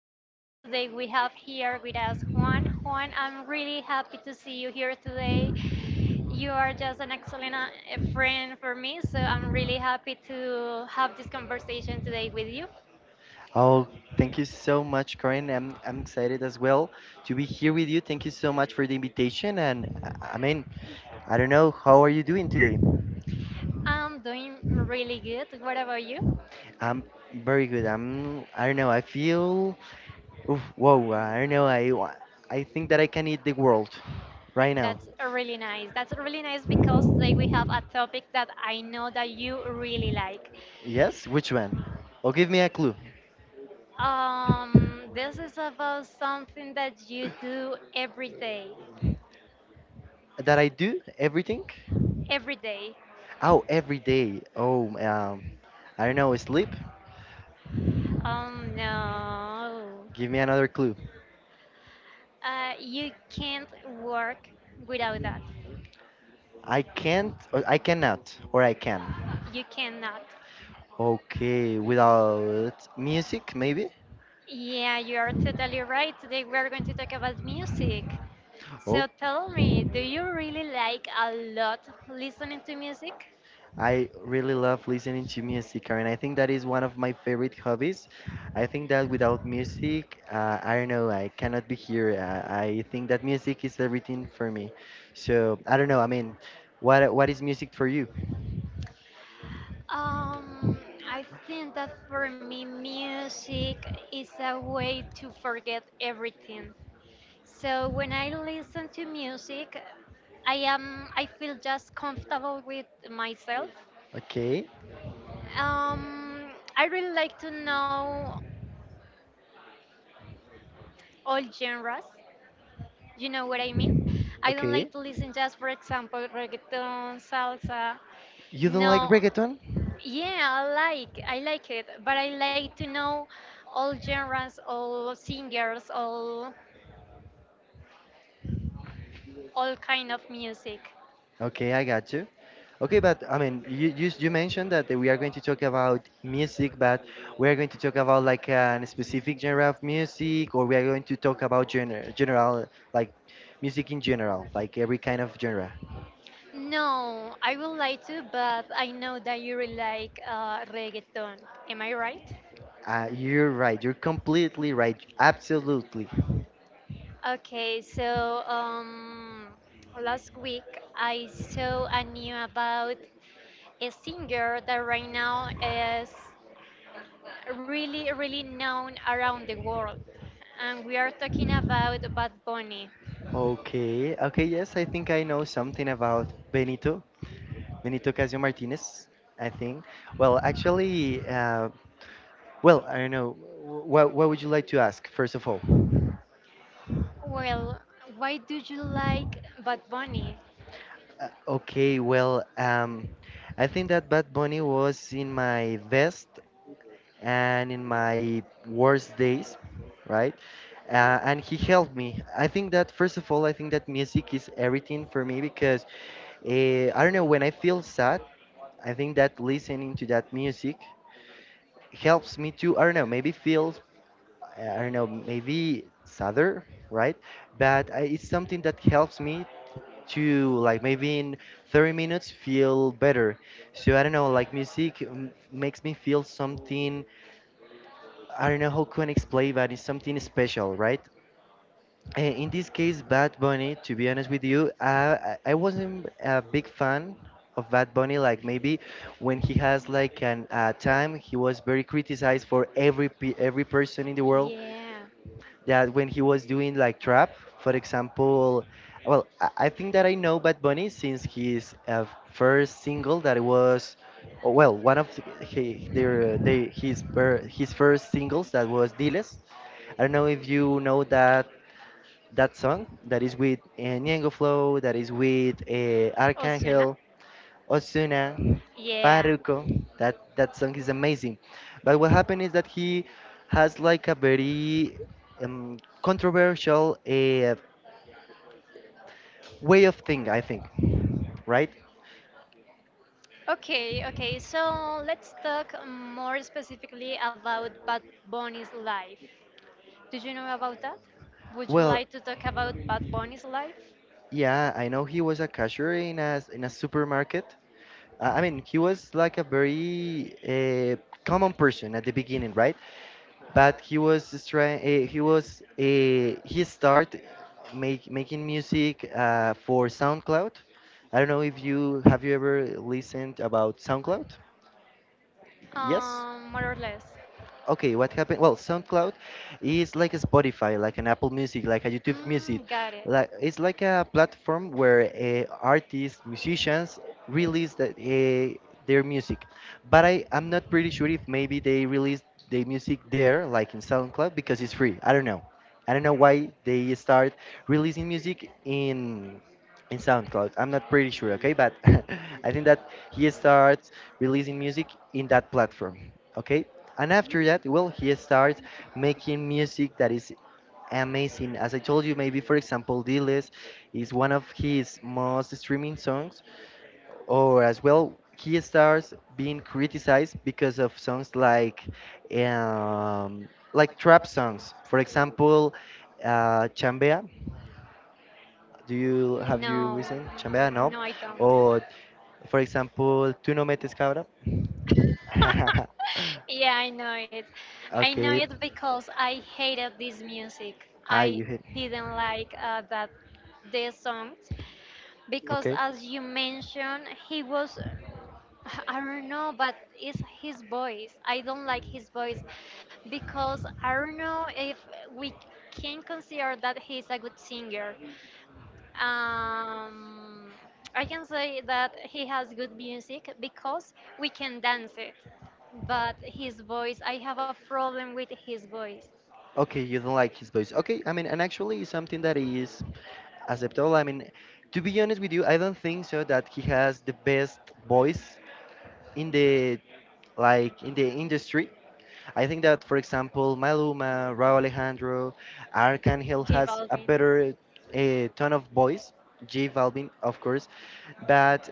podcast. Today we have here with us Juan. Juan, I'm really happy to see you here today. You are just an excellent friend for me, so I'm really happy to have this conversation today with you. Oh, thank you so much, Corin. I'm excited as well to be here with you. Thank you so much for the invitation. And I mean, I don't know, how are you doing today? I'm doing really good. What about you? I'm very good. I don't know. I feel oof, whoa. I don't know. I think that I can eat the world right now. That's really nice. That's really nice because today we have a topic that I know that you really like. Yes, which one? Oh, give me a clue. This is about something that you do every day. That I do everything. Every day. Oh, every day. Oh, I don't know. Sleep. Oh no. Give me another clue. You can't work without that. I can't. Or I cannot. Or I can. You cannot. Okay, without music, maybe? Yeah, you are totally right. Today we are going to talk about music. Oh, So tell me, do you really like a lot listening to music? I really love listening to music, Karen. I think that is one of my favorite hobbies. I think that without music, I don't know, I cannot be here. I think that music is everything for me. So, I don't know, I mean, what is music for you? Um, I think that for me, music is a way to forget everything. So when I listen to music, I feel just comfortable with myself. Okay, Um, I really like to know all genres. You know what I mean? I don't okay. like to listen just, for example, reggaeton, salsa. You don't like No, reggaeton? yeah, I like it, but I like to know all genres, all singers, all kind of music. Okay, I got you. Okay, but I mean, you mentioned that we are going to talk about music, but we are going to talk about like a specific genre of music, or we are going to talk about genre, general like music in general, like every kind of genre. No, I would like to, but I know that you really like reggaeton. Am I right? You're right. You're completely right. Absolutely. Okay, so last week I saw a new about a singer that right now is really, really known around the world. And we are talking about Bad Bunny. Okay. Okay. Yes, I think I know something about Benito Casio Martinez. I think. Well, actually, well, I don't know. What would you like to ask first of all? Well, why do you like Bad Bunny? Uh, okay, well, um, I think that Bad Bunny was in my best and in my worst days, right? And he helped me. I think that, first of all, I think that music is everything for me because I don't know, when I feel sad, I think that listening to that music helps me to, I don't know, maybe feel, I don't know, maybe sadder, right? But I, it's something that helps me to like maybe in 30 minutes feel better. So I don't know, like music makes me feel something. I don't know how can I explain, but it's something special, right? In this case, Bad Bunny, to be honest with you, I wasn't a big fan of Bad Bunny. Like maybe when he has like an time, he was very criticized for every person in the world Yeah. that when he was doing like trap, for example, well, I think that I know Bad Bunny since his first single that it was, oh, well, one of the- he, their, they, his per, his first singles that was Diles. I don't know if you know that that song that is with Ñengo Flow, that is with Osuna? Arcángel. Ozuna, Yeah. Farruko. That song is amazing. But what happened is that he has like a very controversial way of thinking, I think, right? Okay, okay. So let's talk more specifically about Bad Bunny's life. Did you know about that? Would you Well, like to talk about Bad Bunny's life? yeah, I know he was a cashier in a supermarket. I mean, he was like a very common person at the beginning, right? But he was just trying. He started making music for SoundCloud. I don't know if you ever listened about SoundCloud. Yes. More or less. Okay, what happened? Well, SoundCloud is like a Spotify, like an Apple Music, like a YouTube Music. Mm, got it. Like it's like a platform where artists, musicians release their music. But I'm not pretty sure if maybe they release their music there, like in SoundCloud, because it's free. I don't know. I don't know why they start releasing music in SoundCloud. I'm not pretty sure, okay? But I think that he starts releasing music in that platform, okay? And after that, well, he starts making music that is amazing. As I told you, maybe for example, Diles is one of his most streaming songs, or as well, he starts being criticized because of songs like trap songs. For example, Chambea. Do Music? You No, listened Chambea? No. no, I don't. Or for example, Tú no metes cabra. Yeah, I know it. I know okay. it because I hated this music. Ah, I you hit. didn't like that the songs because, Okay. as you mentioned, he was, I don't know, but it's his voice. I don't like his voice because I don't know if we can consider that he's a good singer. Um, I can say that he has good music because we can dance it. But his voice, I have a problem with his voice. Okay, you don't like his voice. Okay, I mean, and actually, it's something that is acceptable. I mean, to be honest with you, I don't think so that he has the best voice in the like in the industry. I think that, for example, Maluma, Rauw Alejandro, Arcángel J has a Balvin. better tone of voice, J Balvin, of course, but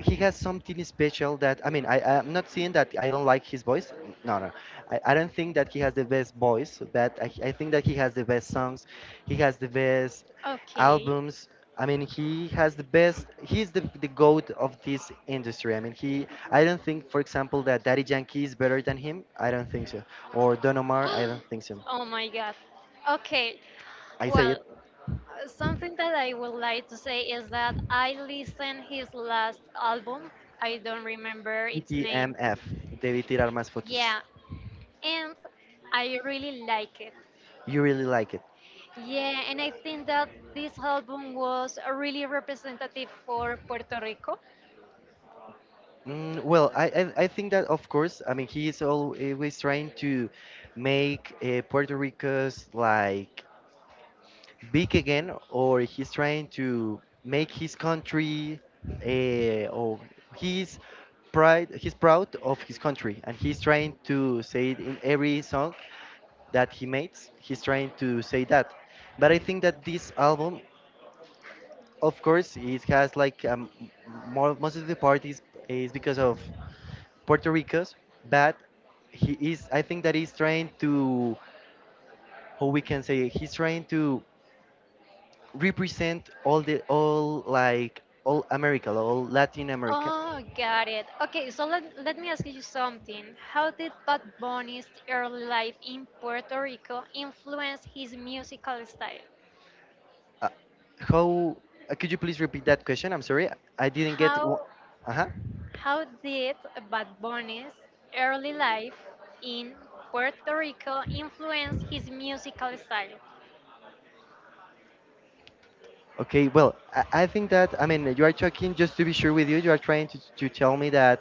he has something special that I mean I'm not saying that I don't like his voice. No, no, I don't think that he has the best voice, but I think that he has the best songs. He has the best Okay. albums. I mean, he has the best. He's the goat of this industry. I mean, he. I don't think, for example, that Daddy Yankee is better than him. I don't think so. Or Don Omar. I don't think so. Oh my God. Okay. I say Well, it. Something that I would like to say is that I listened his last album. I don't remember its name. DTMF. Debí tirar más fotos. Yeah, and I really like it. You really like it. Yeah, and I think that this album was really representative for Puerto Rico. Mm, well, I think that of course. I mean, he is always trying to make Puerto Rico's like big again, or he's trying to make his country or he's pride, he's proud of his country, and he's trying to say it in every song that he makes. He's trying to say that, but I think that this album, of course, it has like most of the part is because of puerto rico's, but he is, I think that he's trying to, how we can say, he's trying to represent all America, all Latin America. Oh, got it. Okay, so let me ask you something. How did Bad Bunny's early life in Puerto Rico influence his musical style? Uh, how could you please repeat that question? I'm sorry, I didn't get. Uh How huh. how did Bad Bunny's early life in Puerto Rico influence his musical style? Okay, well, I think that I mean you are talking just to be sure with you. You are trying to tell me that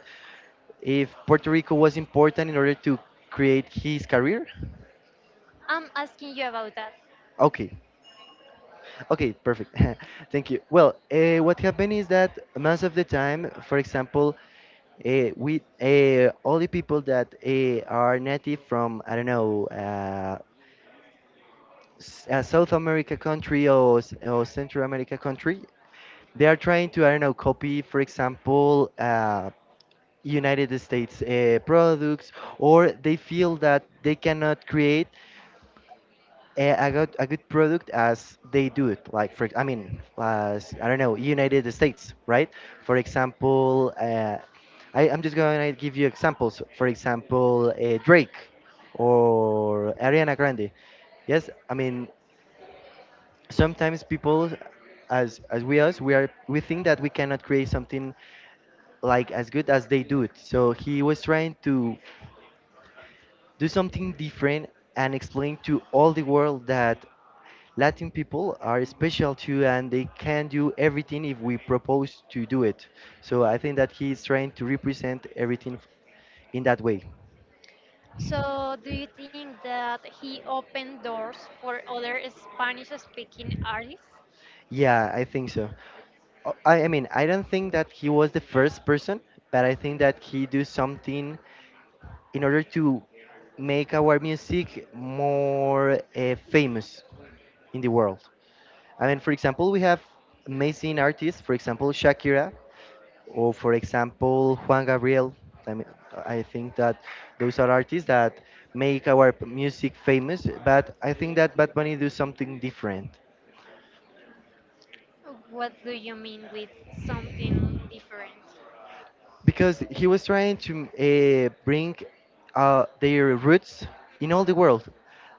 if Puerto Rico was important in order to create his career. I'm asking you about that. Okay, okay, perfect. Thank you. Well, what happened is that most of the time, for example, we all the people that are native from I don't know South America country, or or Central America country, they are trying to I don't know copy, for example, United States products, or they feel that they cannot create a good product as they do it. Like for I mean, as I don't know, United States, right? For example, I'm just going to give you examples. For example, Drake or Ariana Grande. Yes, I mean sometimes people, as we us, we think that we cannot create something like as good as they do it. So he was trying to do something different and explain to all the world that Latin people are special too, and they can do everything if we propose to do it. So I think that he is trying to represent in that way. So, do you think that he opened doors for other Spanish speaking artists? Yeah, I think so. I mean, I don't think that he was the first person, but I think that he do something in order to make our music more famous in the world. I mean, for example, we have amazing artists, for example, Shakira, or for example, Juan Gabriel. I mean, I think that those are artists that make music famous, but I think that Bad Bunny do something different. What do you mean with something different? Because he was trying to bring their roots in all the world.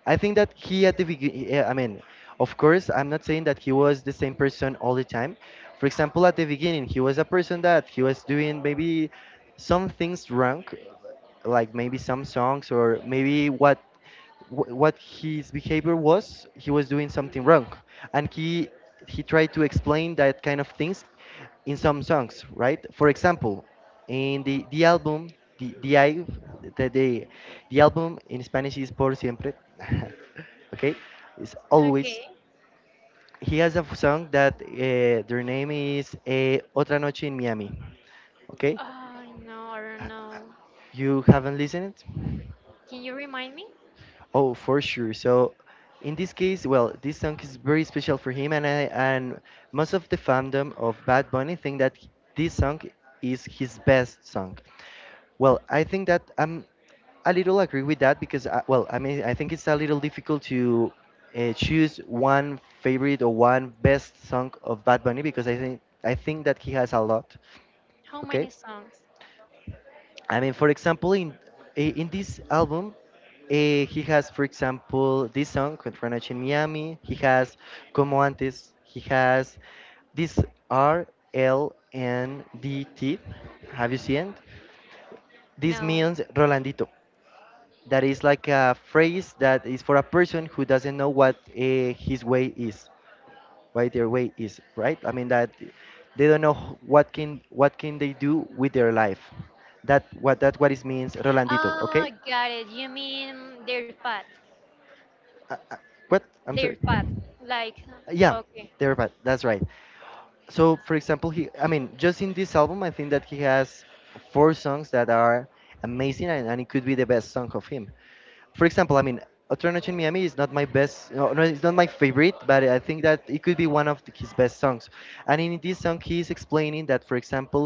I think that he at the beginning, I mean, of course, I'm not saying that he was the same person all the time. For example, at the beginning, he was a person that he was doing maybe some things wrong, like maybe some songs or maybe what his behavior was. He was doing something wrong, and he tried to explain that kind of things in some songs, right? For example, and the album, the, I the, the, the album in Spanish is Por Siempre. Okay? It's Okay. always. He has a song that their name is Otra Noche in Miami. Okay? Oh, no, I don't Uh, know. you haven't listened it? Can you remind me? Oh, for sure. So, in this case, well, this song is very special for him, and most of the fandom of Bad Bunny think that this song is his best song. Well, I think that I'm a little agree with that because, well, I mean, I think it's a little difficult to choose one favorite or one best song of Bad Bunny because I think that he has a lot. How Okay, many songs? I mean, for example, in in this album, he has, for example, this song "Contra Noche en Miami." He has "Como Antes." He has this RLNDT. Have you seen? It? This No. means Rolandito. That is like a phrase that is for a person who doesn't know what his way is, what their way is, right? I mean that they don't know what can they do with their life. That what it means, Rolandito. Ah, Okay, got it. You mean their path. uh, uh, what? I'm Their sorry. path. Like, Yeah, okay. they're bad. That's right. So for example, he, I mean, just in this album, I think that he has four songs that are amazing, and it could be the best song of him, for example, I mean, Otra Noche en Miami is not my best, no, no, it's not my favorite, but I think that it could be one of his best songs. And in this song he is explaining that, for example,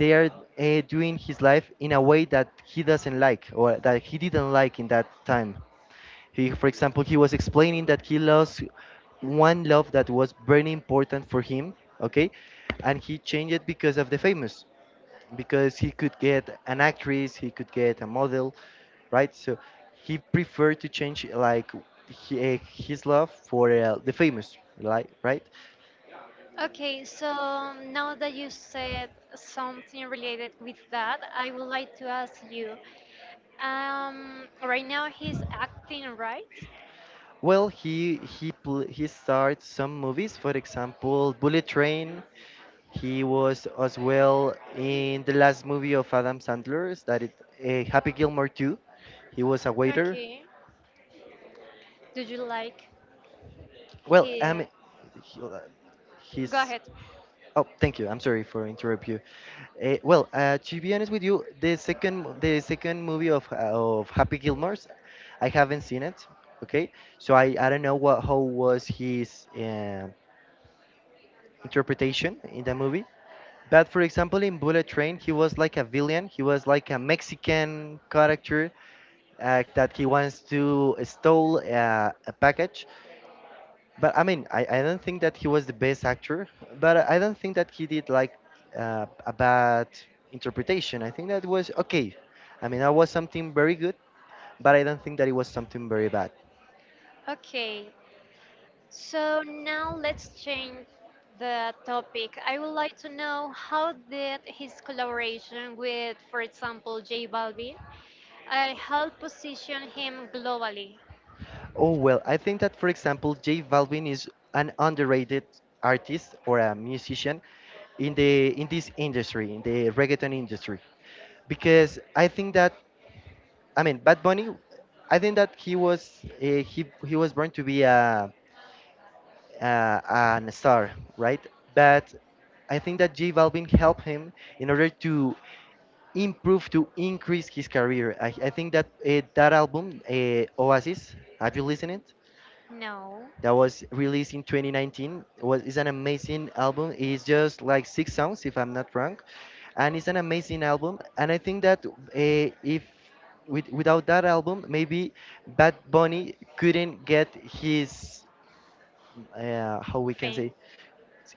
they are doing his life in a way that he doesn't like, or that he didn't like in that time. He, for example, he was explaining that he lost one love that was very important for him, okay, and he changed it because of the famous, because he could get an actress, he could get a model, right? So he preferred to change like his love for the famous, like, right? Okay, so now that you said something related with that, I would like to ask you. Right now he's acting, right? Well, he starts some movies, for example, Bullet Train. He was as well in the last movie of Adam Sandler's, that it, Happy Gilmore 2. He was a waiter. Okay. Do you like Well, I here? mean, he- uh, Go he's. ahead. Oh, thank you. I'm sorry for interrupt you. To be honest with you, the second movie of of Happy Gilmore's, I haven't seen it. Okay, so I don't know what how was his interpretation in the movie. But for example, in Bullet Train, he was like a villain. He was like a Mexican character that he wants to stole a package. But I mean, I don't think that he was the best actor. But I don't think that he did like a bad interpretation. I think that was okay. I mean, that was something very good, but I don't think that it was something very bad. Okay. So now let's change the topic. I would like to know how did his collaboration with, for example, J Balvin, help position him globally? Oh, well, I think that, for example, J Balvin is an underrated artist or a musician in this industry, in the reggaeton industry, because I think that, I mean, Bad Bunny, I think that he was born to be a an star, right? But I think that J Balvin helped him in order to improve to increase his career. I think that that album, Oasis, have you listened it? No. That was released in 2019. It was is an amazing album. It's just like six songs, if I'm not wrong, and it's an amazing album. And I think that if without that album, maybe Bad Bunny couldn't get his how we can Fame? say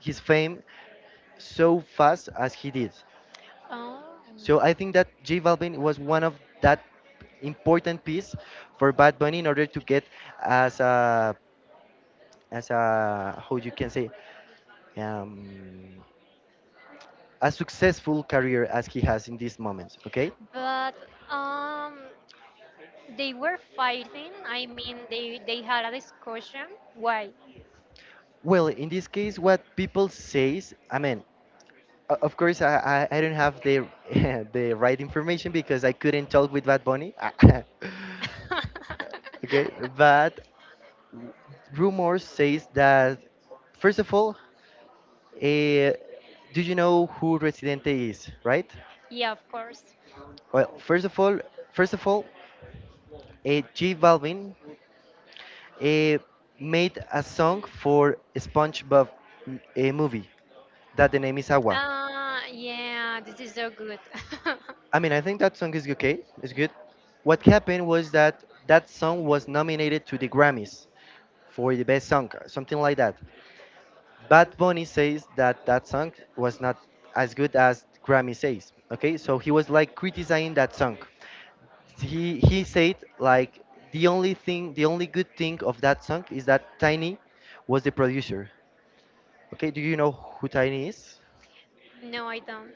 his fame so fast as he did. Oh. So I think that J Balvin was one of that important piece for Bad Bunny in order to get as a as a how you can say um, a successful career as he has in these moments, okay. But um, they were fighting. I mean, they had a discussion. Why? Well, in this case, what people says, I mean, of course I don't have the the right information because I couldn't talk with Bad Bunny okay, but rumors says that, first of all, uh, do you know who Residente is, right? yeah, of course. Well, first of all J Balvin uh, made a song for SpongeBob, a movie, that the name is Agua. Yeah, this is so good. I mean, I think that song is okay. It's good. What happened was that that song was nominated to the Grammys for the best song, something like that. Bad Bunny says that that song was not as good as Grammy says. Okay, so he was like criticizing that song. He said like, the only thing, the only good thing of that song is that Tiny was the producer. Okay, do you know who Tiny is? no, I don't.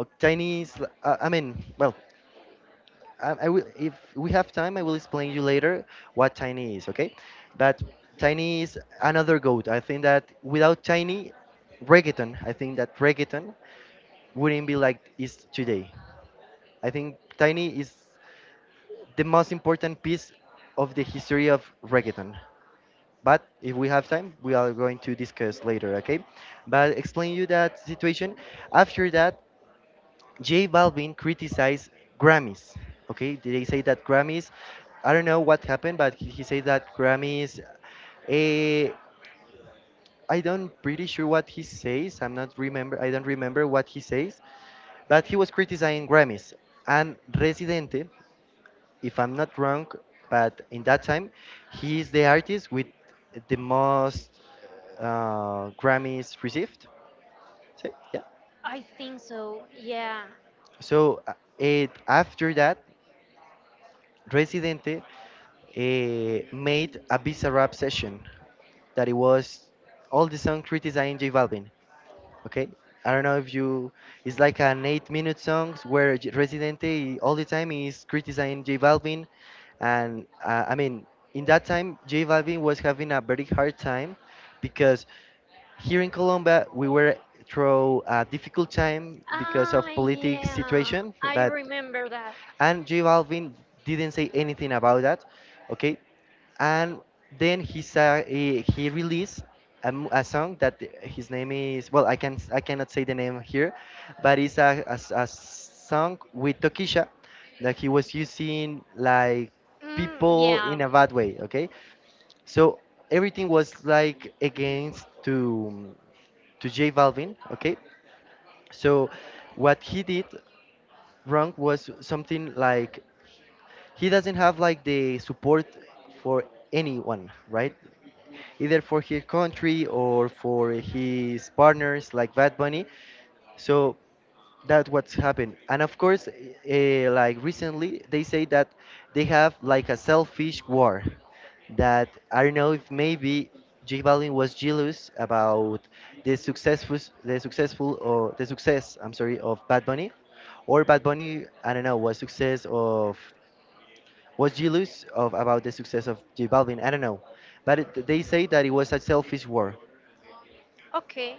Oh, Tiny is, I mean, well, I will, if we have time, I will explain you later what Tiny is, okay? But Tiny is another goat. I think that without Tiny, reggaeton, I think that reggaeton wouldn't be like it's today. I think Tiny is the most important piece of the history of reggaeton. But if we have time, we are going to discuss later, okay? But explain you that situation. After that, J Balvin criticized Grammys. Okay, they say that Grammys. I don't know what happened, but he said that Grammys. Eh, I don't pretty sure what he says. I'm not remember. I don't remember what he says, but he was criticizing Grammys and Residente. If I'm not wrong, but in that time, he is the artist with the most Grammys received. So, yeah. I think so. Yeah. So it after that, Residente made a Bizarrap session that it was all the song criticizing J Balvin. Okay, I don't know if you. It's like an 8-minute songs where J- Residente all the time is criticizing J Balvin, and I mean, in that time J Balvin was having a very hard time because here in Colombia we were through a difficult time because Ah, of political yeah. situation, I but remember that. and J Balvin didn't say anything about that, okay? And then he released a song that his name is, well, I can, I cannot say the name here, but it's a song with Tokisha that he was using like Mm, people yeah. in a bad way, okay? So everything was like against to J Balvin, okay? So what he did wrong was something like he doesn't have like the support for anyone, right? Either for his country or for his partners like Bad Bunny. So that's what's happened. And of course, like recently, they say that they have like a selfish war. That I don't know if maybe J Balvin was jealous about the successful, the successful or the success. I'm sorry, of Bad Bunny, or Bad Bunny. I don't know, was success of, was jealous of about the success of J Balvin. I don't know, but they say that it was a selfish war Okay.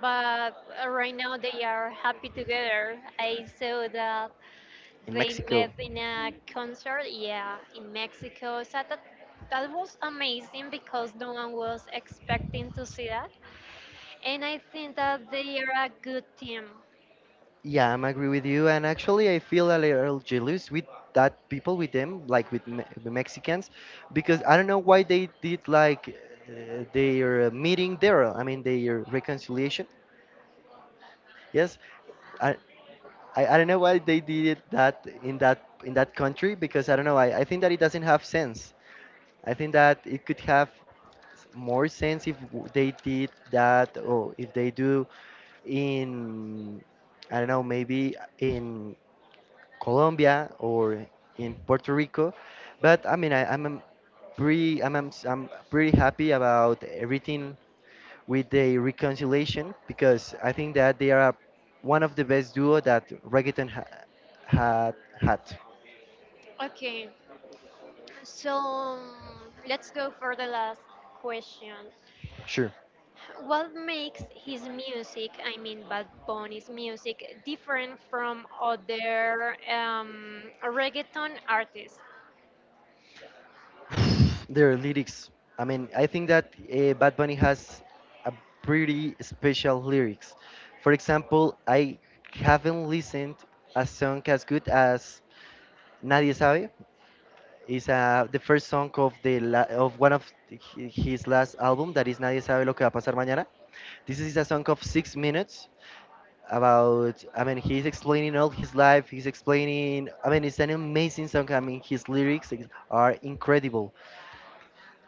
But right now they are happy together. I saw that. in They Mexico. met in a concert, yeah, in Mexico. So that that was amazing because no one was expecting to see that. And I think that they are a good team. Yeah, I'm agree with you, and actually I feel a little jealous with that people with them, like with the Mexicans, because I don't know why they did like their meeting there. I mean, their reconciliation. Yes, I, I don't know why they did it that in that country because I don't know, I think that it doesn't have sense. I think that it could have more sense if they did that, or if they do in, I don't know, maybe in Colombia or in Puerto Rico. But I mean, I'm pretty happy about everything with the reconciliation because I think that they are one of the best duo that reggaeton had had. Okay, so let's go for the last question. Sure. What makes his music, I mean Bad Bunny's music, different from other reggaeton artists? Their lyrics. I mean, I think that Bad Bunny has a pretty special lyrics. For example, I haven't listened a song as good as Nadie Sabe. Is the first song of the la of one of his last album, that is Nadie Sabe Lo Que Va a Pasar Mañana. This is a song of 6 minutes about, I mean, he's explaining all his life. He's explaining, I mean, it's an amazing song. I mean, his lyrics are incredible.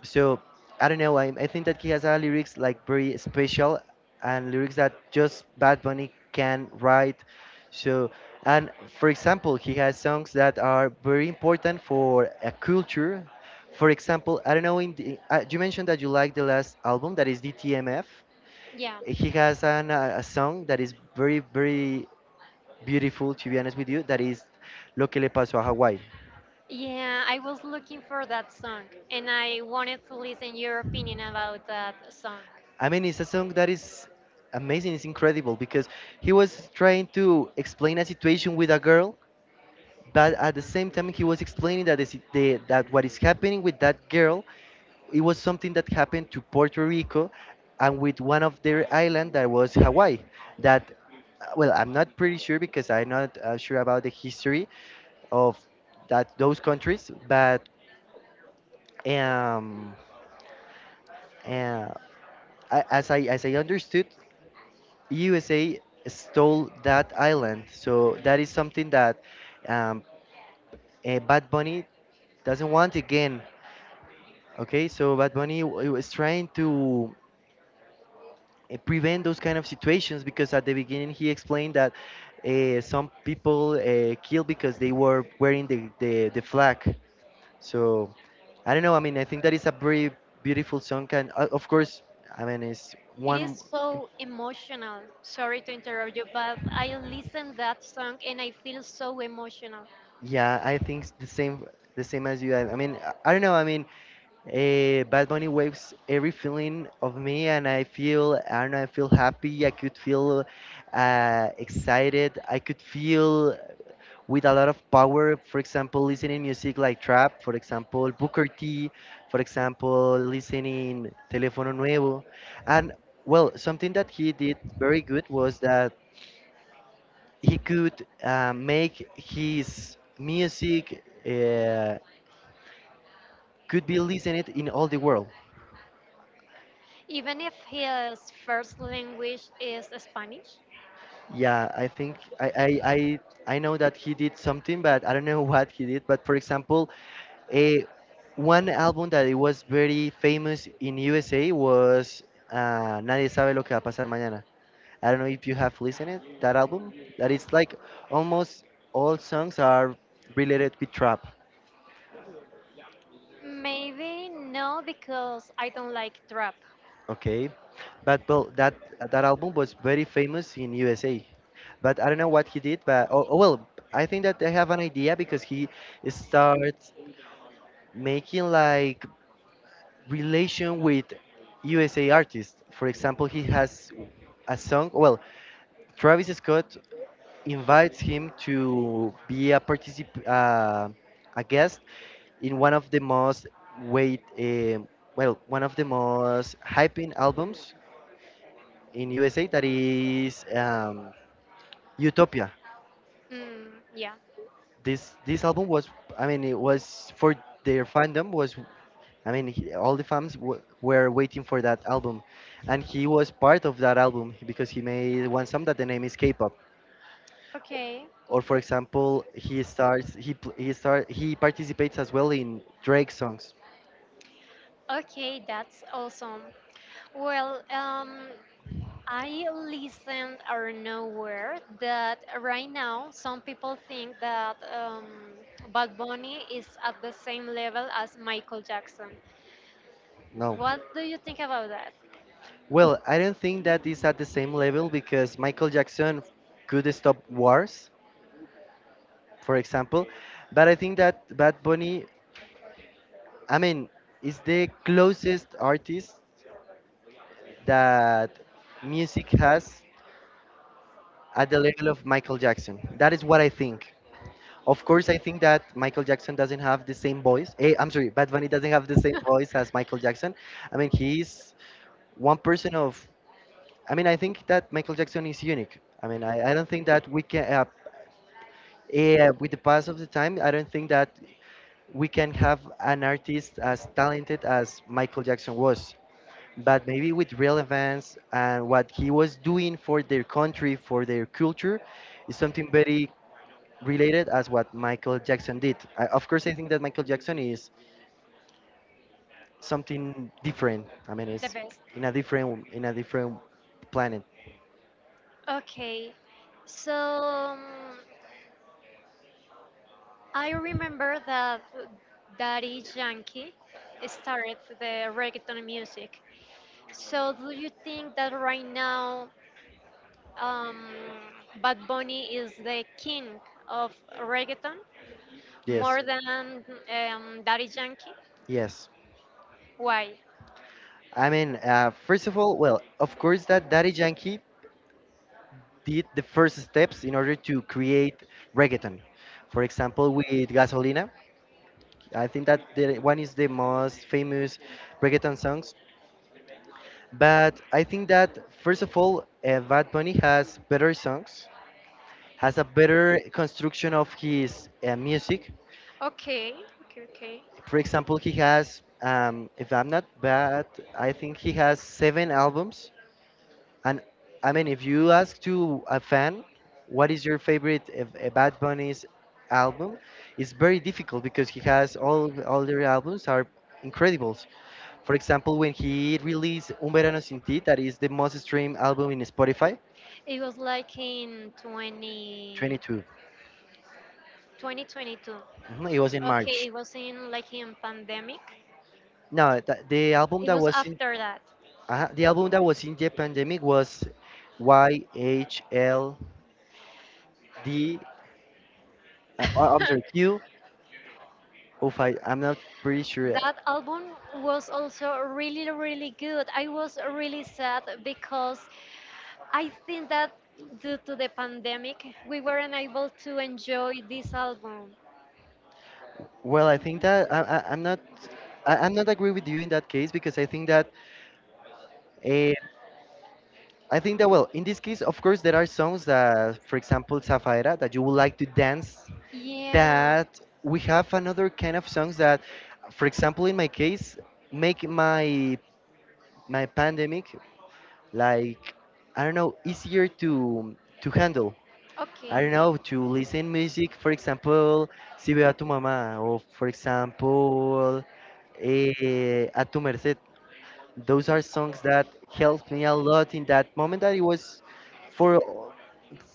So I don't know. I think that he has a lyrics like very special, and lyrics that just Bad Bunny can write. So, and for example, he has songs that are very important for a culture. For example, I don't know. You mentioned that you like the last album, that is DTMF. Yeah. He has a song that is very very beautiful. To be honest with you, that is Lo que le pasó a Hawaii. Yeah, I was looking for that song and I wanted to listen your opinion about that song. I mean, it's a song that is amazing. It's incredible because he was trying to explain a situation with a girl, but at the same time, he was explaining that is the, that what is happening with that girl, it was something that happened to Puerto Rico, and with one of their island that was Hawaii. That, well, I'm not pretty sure because I'm not sure about the history of that those countries, but um, uh, I, as I as I understood, USA stole that island. So that is something that um, Bad Bunny doesn't want again. Okay, so Bad Bunny was trying to prevent those kind of situations because at the beginning he explained that some people killed because they were wearing the flag. So I don't know. I mean, I think that is a very beautiful song, and of course, I mean, it's It is one. so emotional. Sorry to interrupt you, but I listen that song and I feel so emotional. Yeah, I think the same as you. I mean, I don't know. I mean, Bad Bunny waves every feeling of me, and I feel, I don't know, I feel happy. I could feel excited. I could feel with a lot of power. For example, listening music like trap, for example, Booker T, for example, listening Telefono Nuevo, and well, something that he did very good was that he could make his music could be listened in all the world. Even if his first language is Spanish, Yeah, I think I know that he did something, but I don't know what he did. But for example, a one album that it was very famous in USA was Nadie sabe lo que va a pasar mañana. I don't know if you have listened it, that album. That is like almost all songs are related with trap. maybe no because I don't like trap. Okay, but well, that album was very famous in USA. But I don't know what he did. But oh well, I think that I have an idea because he starts making like relation with USA artists. For example, he has a song. Well, Travis Scott invites him to be a guest in one of the most wait well one of the most hyping albums in USA that is Utopia. Mm, yeah. This album was, I mean, it was for their fandom, was, I mean, all the fans were waiting for that album, and he was part of that album because he made one song that the name is K-pop. Okay. Or for example, he starts he pl- he start he participates as well in Drake songs. Okay, that's awesome. Well, I listened or nowhere that right now some people think that Bad Bunny is at the same level as Michael Jackson. No, What do you think about that? well, I don't think that is at the same level because Michael Jackson could stop wars, for example, but I think that Bad Bunny, I mean, is the closest artist that music has at the level of Michael Jackson. That is what I think. Of course, I think that Michael Jackson doesn't have the same voice. Eh, I'm sorry, Bad Bunny doesn't have the same voice as Michael Jackson. I mean, he's one person of. I mean, I think that Michael Jackson is unique. I mean, I don't think that we can. With the pass of the time, I don't think that we can have an artist as talented as Michael Jackson was. But maybe with relevance and what he was doing for their country, for their culture, is something very related as what Michael Jackson did. I, of course, I think that Michael Jackson is something different. I mean, The it's best. in a different planet. Okay, so I remember that Daddy Yankee started the reggaeton music. So do you think that right now um, Bad Bunny is the king of reggaeton? Yes, More than Daddy Yankee? yes. Why? I mean, first of all, well, of course that Daddy Yankee did the first steps in order to create reggaeton. For example, with Gasolina, I think that one is the most famous reggaeton songs. But I think that first of all, Bad Bunny has better songs, has a better construction of his music. Okay, okay, okay. For example, he has, if I'm not bad, I think he has seven albums. And I mean, if you ask to a fan, what is your favorite Bad Bunny's album? It's very difficult because he has all their albums are incredible. For example, when he released Un Verano Sin Ti, that is the most streamed album in Spotify, It was like in 20, 22. 2022. Mhm, it was in Okay, March. it was in like in pandemic. No, the album It that was was in. after that. The album that was in the pandemic was YHLD. I'm that sorry, Q. Oh, I'm not pretty sure. album was also really, really good. I was really sad because I think that due to the pandemic, we weren't able to enjoy this album. Well, I think that I'm not. I'm not agree with you in that case because I think that. Uh, I think that well, in this case, of course, there are songs that, for example, Zafaera, that you would like to dance. Yeah, That we have another kind of songs that, for example, in my case, make my pandemic like, I don't know, easier to handle. okay. I don't know, to listen music, for example, Si veo a tu mamá, or for example, eh, A tu merced, those are songs that helped me a lot in that moment that it was for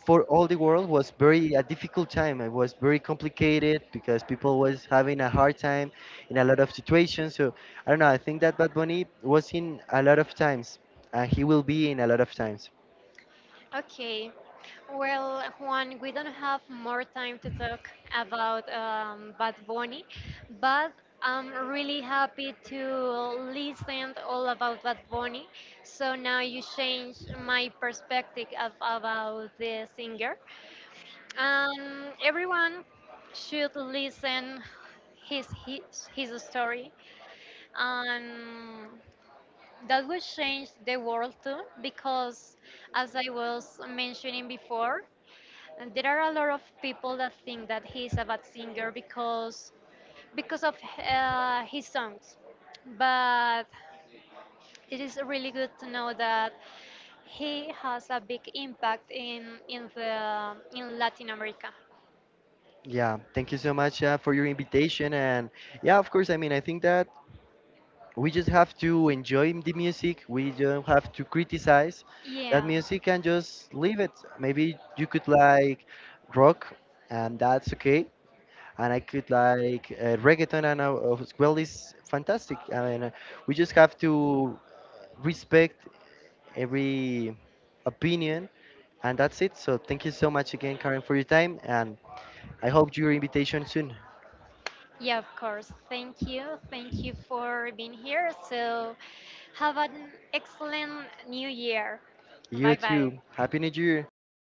for all the world was very a difficult time. It was very complicated because people was having a hard time in a lot of situations. So I don't know, I think that Bad Bunny was in a lot of times, and he will be in a lot of times. Okay. Well, Juan, we don't have more time to talk about Bad Bunny, but I'm really happy to listen all about Bad Bunny. So now you change my perspective of, about the singer. Everyone should listen his story, and that will change the world too. Because as I was mentioning before, and there are a lot of people that think that he's a bad singer because of his songs. But it is really good to know that he has a big impact in Latin America. Yeah, thank you so much for your invitation. And yeah, of course, I mean, I think that we just have to enjoy the music. We don't have to criticize that Yeah. music and just leave it. Maybe you could like rock, and that's okay, and I could like reggaeton, and as well is fantastic. I mean, we just have to respect every opinion, and that's it. So thank you so much again, Karen, for your time, and I hope your invitation soon. Yeah, of course. Thank you. Thank you for being here. So have an excellent new year. You Bye bye. too, happy new year.